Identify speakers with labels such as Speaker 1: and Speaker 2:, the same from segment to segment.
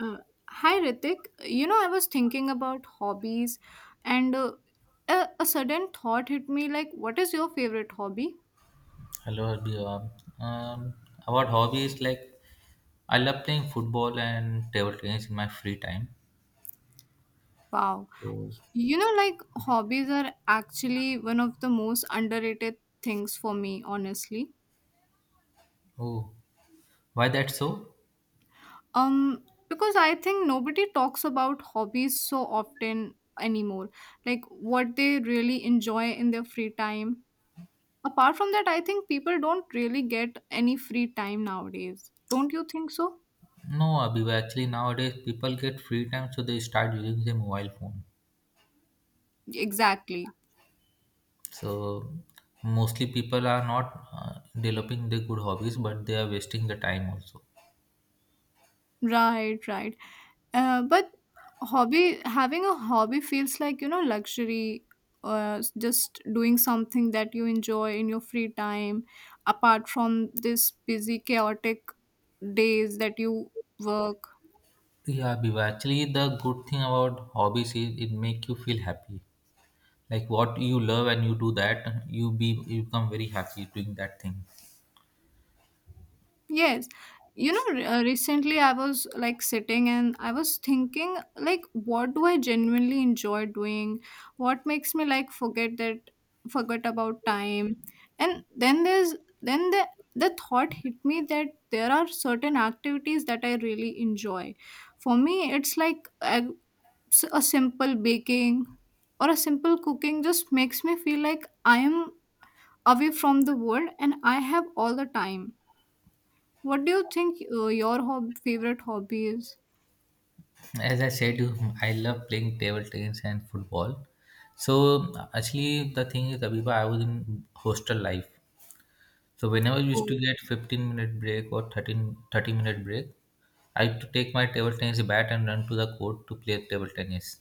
Speaker 1: Uh, Hi Ritik. I was thinking about hobbies and a sudden thought hit me like, what is your favorite hobby?
Speaker 2: Hello, Abhiyam. Um, about hobbies, like I love playing football and table tennis in my free time.
Speaker 1: Wow.
Speaker 2: So,
Speaker 1: Like, hobbies are actually one of the most underrated things for me, honestly.
Speaker 2: oh, why that so?
Speaker 1: Um, because I think nobody talks about hobbies so often anymore, like what they really enjoy in their free time. Apart from that, I think people don't really get any free time nowadays. Don't you think so?
Speaker 2: No, Abhi, actually nowadays people get free time, so they start using their mobile phone.
Speaker 1: Exactly.
Speaker 2: So mostly people are not developing their good hobbies, but they are wasting the time also.
Speaker 1: Right, right. But hobby having a hobby feels like, luxury, just doing something that you enjoy in your free time, apart from this busy chaotic days that you work.
Speaker 2: Yeah, Abhi, actually the good thing about hobbies is it make you feel happy. Like what you love and you do that you become very happy doing that thing.
Speaker 1: Yes. Recently I was like sitting and I was thinking, like, what do I genuinely enjoy doing? What makes me like forget about time? And then the thought hit me that there are certain activities that I really enjoy. For me, it's like a simple baking or a simple cooking just makes me feel like I am away from the world and I have all the time. What do you think, your hob favorite hobby is?
Speaker 2: As I said, I love playing table tennis and football. So actually the thing is, Abiba, I was in hostel life, so whenever we used to
Speaker 1: Oh,
Speaker 2: get 15-minute break or 13 30 minute break, I used to take my table tennis bat and run to the court to play table tennis.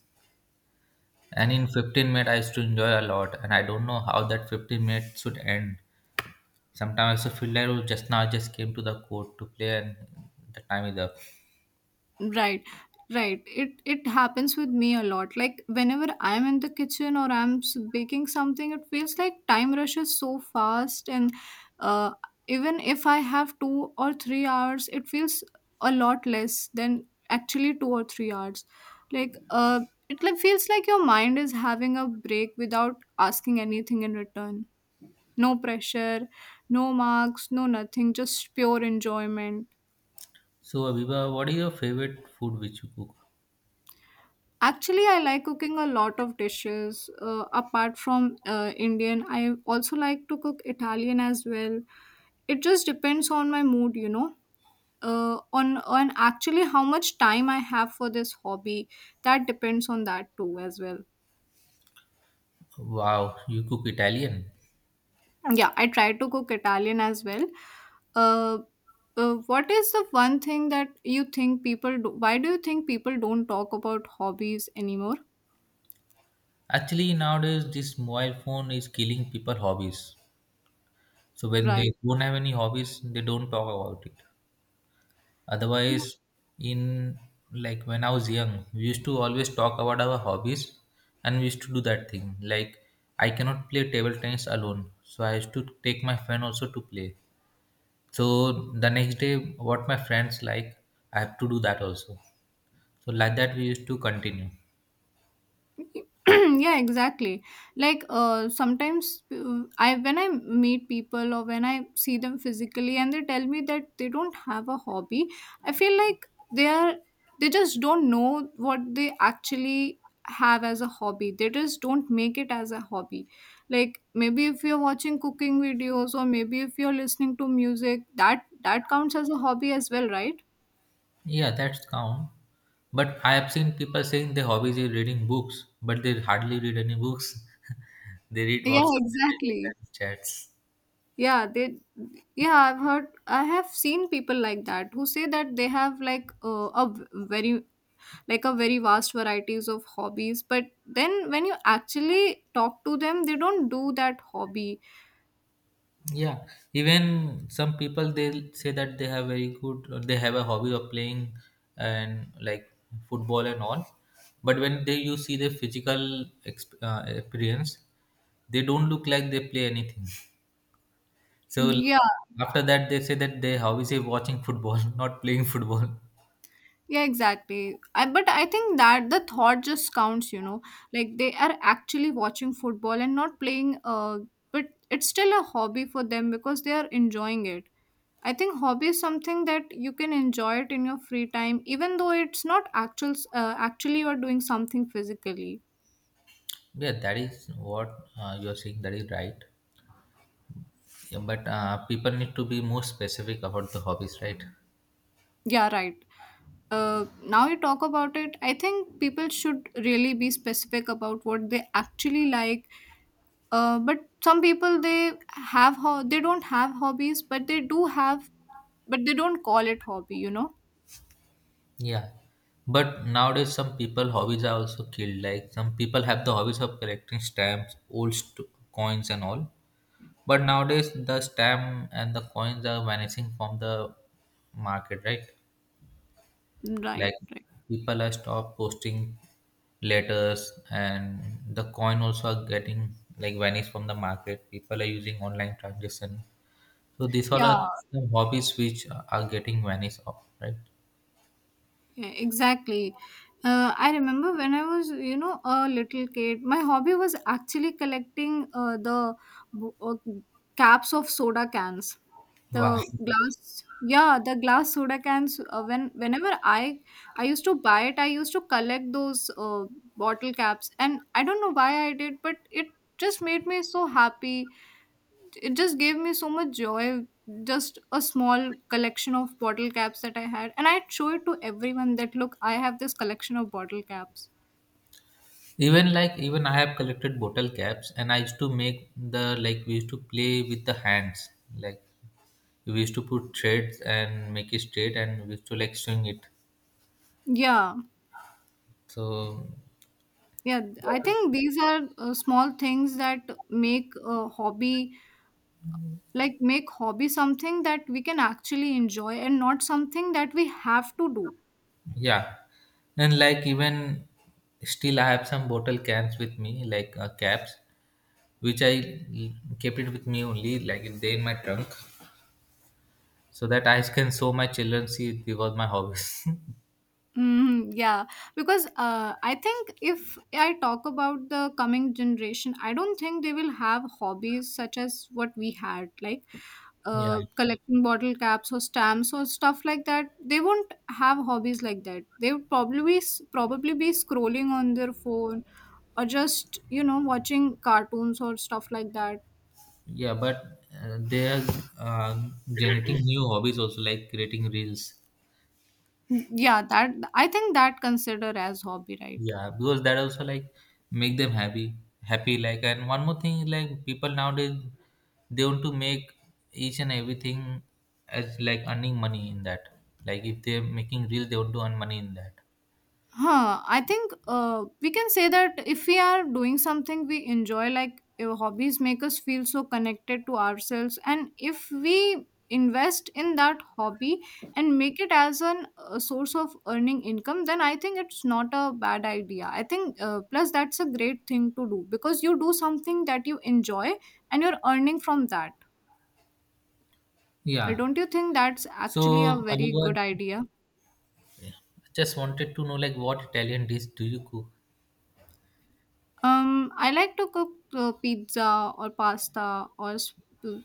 Speaker 2: And in 15 minutes I used to enjoy a lot, and I don't know how that 15 minutes should end. Sometimes I also feel like, oh, just now I just came to the court to play and the time is up.
Speaker 1: right, right. It happens with me a lot. Like whenever I'm in the kitchen or I'm baking something, it feels like time rushes so fast, and uh, even if I have 2 or 3 hours, it feels a lot less than actually 2 or 3 hours. Like, it like feels like your mind is having a break without asking anything in return. No pressure, no marks, no nothing, just pure enjoyment.
Speaker 2: So Abiba, what is your favorite food which you cook?
Speaker 1: Actually, I like cooking a lot of dishes. Apart from Indian, I also like to cook Italian as well. It just depends on my mood, you know. On actually how much time I have for this hobby, that depends on that too as well.
Speaker 2: Wow, you cook Italian.
Speaker 1: Yeah, I try to cook Italian as well. Uh, what is the one thing that you think people do? Why do you think people don't talk about hobbies anymore?
Speaker 2: Actually, nowadays this mobile phone is killing people hobbies. So when they
Speaker 1: Right.
Speaker 2: don't have any hobbies, they don't talk about it. Otherwise, in, like when I was young, we used to always talk about our hobbies, and we used to do that thing. Like I cannot play table tennis alone, so I used to take my friend also to play. So the next day, what my friends like, I have to do that also. So like that, we used to continue.
Speaker 1: Yeah, exactly. Like, sometimes I when I meet people or when I see them physically and they tell me that they don't have a hobby, I feel like they are they just don't know what they actually have as a hobby. They just don't make it as a hobby. Like, maybe if you're watching cooking videos or maybe if you're listening to music, that counts as a hobby as well, right?
Speaker 2: Yeah, that's count. But I have seen people saying their hobbies is reading books, but they hardly read any books. They read
Speaker 1: Yeah,
Speaker 2: WhatsApp messages
Speaker 1: exactly.
Speaker 2: and chats.
Speaker 1: Yeah, they yeah, I have seen people like that who say that they have like a very, like a very vast varieties of hobbies, but then when you actually talk to them, they don't do that hobby.
Speaker 2: Yeah, even some people they say that they have very good, they have a hobby of playing and like football and all. But when they you see their physical appearance, they don't look like they play anything. So l-
Speaker 1: Yeah,
Speaker 2: after that, they say that they how is he watching football, not playing football.
Speaker 1: yeah, exactly. But I think that the thought just counts, you know. Like, they are actually watching football and not playing but it's still a hobby for them because they are enjoying it. I think hobby is something that you can enjoy it in your free time, even though it's not actually, you're doing something physically.
Speaker 2: Yeah, that is what you are saying. That is right. Yeah, but people need to be more specific about the hobbies, right?
Speaker 1: Yeah, right. Now you talk about it, I think people should really be specific about what they actually like. But some people they they don't have hobbies, but they do have, but they don't call it hobby, you know.
Speaker 2: Yeah. But nowadays, some people hobbies are also killed. Like some people have the hobbies of collecting stamps, old st- coins, and all. But nowadays, the stamp and the coins are vanishing from the market, right?
Speaker 1: Mm, right?
Speaker 2: Like
Speaker 1: Right.
Speaker 2: people are stop posting letters and the coin also are getting like vanished from the market. People are using online transaction. So these all
Speaker 1: Yeah.
Speaker 2: are some hobbies which are getting vanished off, right?
Speaker 1: Yeah, exactly. I remember when I was a little kid, my hobby was actually collecting the bo- uh, caps of soda cans.
Speaker 2: Wow.
Speaker 1: The glass, yeah, the glass soda cans. Whenever I used to buy it, I used to collect those bottle caps, and I don't know why I did, but it just made me so happy. It just gave me so much joy, just a small collection of bottle caps that I had, and I'd show it to everyone that look, I have this collection of bottle caps.
Speaker 2: Even like even I have collected bottle caps, and I used to make the, like we used to play with the hands. Like we used to put threads and make it straight, and we used to like swing it.
Speaker 1: Yeah,
Speaker 2: So
Speaker 1: yeah,
Speaker 2: but
Speaker 1: I think these are small things that make a hobby, like make hobby something that we can actually enjoy and not something that we have to do.
Speaker 2: yeah, and like even still, I have some bottle cans with me, like caps, which I l- kept it with me only, like it they in my trunk, so that I can show my children. See, it was my hobbies.
Speaker 1: Mm, yeah, because I think if I talk about the coming generation, I don't think they will have hobbies such as what we had, like
Speaker 2: Yeah,
Speaker 1: collecting bottle caps or stamps or stuff like that. They won't have hobbies like that. They would probably be scrolling on their phone or just, you know, watching cartoons or stuff like that.
Speaker 2: yeah, but they are uh, generating new hobbies also, like creating reels.
Speaker 1: Mm, yeah, that, I think that consider as hobby, right?
Speaker 2: Yeah, because that also like make them happy, happy like. And one more thing, like people nowadays they want to make each and everything as like earning money in that. Like if they're making reels, they want to earn money in that.
Speaker 1: Huh, I think we can say that if we are doing something we enjoy, like, hobbies make us feel so connected to ourselves, and if we invest in that hobby and make it as an a source of earning income, then I think it's not a bad idea. I think plus that's a great thing to do, because you do something that you enjoy and you're earning from that.
Speaker 2: Yeah.
Speaker 1: Don't you think that's
Speaker 2: So
Speaker 1: actually a very
Speaker 2: Abiba,
Speaker 1: good idea?
Speaker 2: just wanted to know, like what Italian dish do you cook?
Speaker 1: I like to cook pizza or pasta or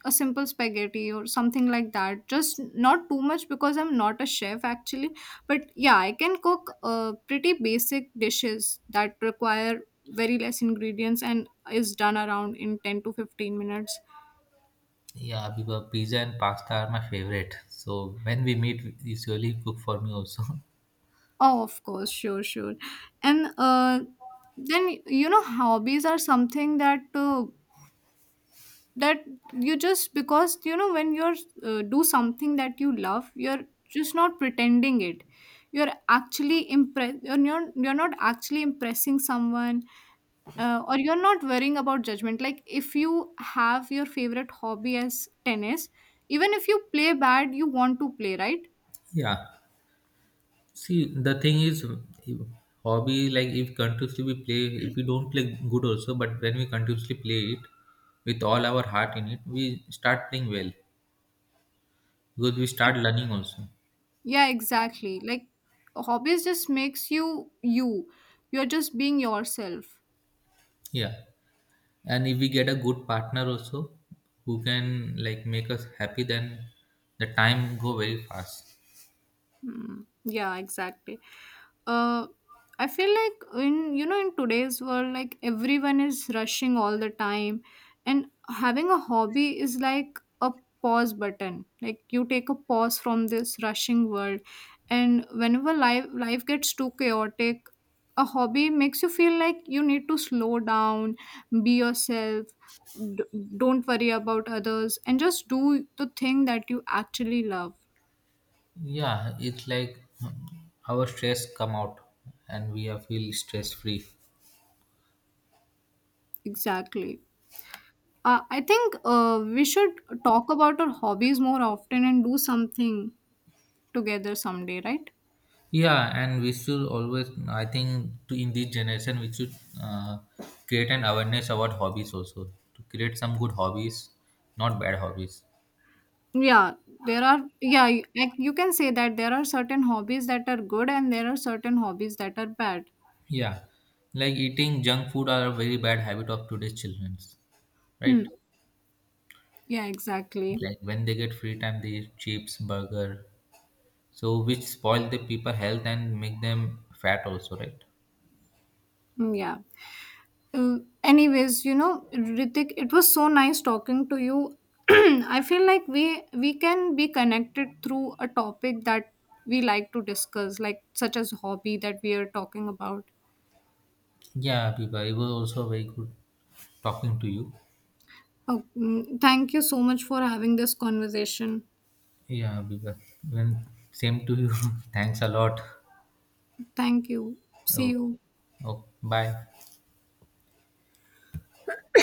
Speaker 1: a simple spaghetti or something like that. Just not too much because I'm not a chef actually. But yeah, I can cook pretty basic dishes that require very less ingredients and is done around in 10 to 15 minutes.
Speaker 2: Yeah, Abiba, pizza and pasta are my favorite. So when we meet, you usually cook for me also.
Speaker 1: Oh, of course, sure, sure. And then, hobbies are something that you just because when you're, do something that you love, you're just not pretending it, you're not actually impressing someone, or you're not worrying about judgment. Like, if you have your favorite hobby as tennis, even if you play bad, you want to play, right?
Speaker 2: Yeah. See, the thing is, hobby, like if continuously we play, if we don't play good also, but when we continuously play it with all our heart in it, we start playing well because we start learning also.
Speaker 1: Yeah, exactly. Like, hobbies just makes you you're just being yourself.
Speaker 2: Yeah, and if we get a good partner also, who can like make us happy, then the time go very fast.
Speaker 1: Hmm. Yeah, exactly. uh I feel like, in you know in today's world, like, everyone is rushing all the time, and having a hobby is like a pause button, like you take a pause from this rushing world, and whenever life gets too chaotic, a hobby makes you feel like you need to slow down, be yourself, don't worry about others and just do the thing that you actually love.
Speaker 2: Yeah, it's like our stress come out, and we are feel stress free.
Speaker 1: Exactly. I think we should talk about our hobbies more often and do something together someday, right?
Speaker 2: Yeah, and we should always, I think, to in this generation, we should uh, create an awareness about hobbies also to create some good hobbies, not bad hobbies.
Speaker 1: Yeah, yeah, like, you can say that there are certain hobbies that are good and there are certain hobbies that are bad.
Speaker 2: Yeah, like eating junk food are a very bad habit of today's children, right?
Speaker 1: Hmm. Yeah, exactly.
Speaker 2: Like when they get free time, they eat chips, burger, so which spoil the people health and make them fat also, right?
Speaker 1: Mm, yeah. Anyways, you know, Ritik, it was so nice talking to you. I feel like we can be connected through a topic that we like to discuss, like such as hobby that we are talking about.
Speaker 2: Yeah, Biba, it was also very good talking to you.
Speaker 1: Oh, mm, thank you so much for having this conversation.
Speaker 2: Yeah, Biba, when, same to you. Thanks a lot.
Speaker 1: Thank you. See
Speaker 2: Oh,
Speaker 1: you.
Speaker 2: oh, bye.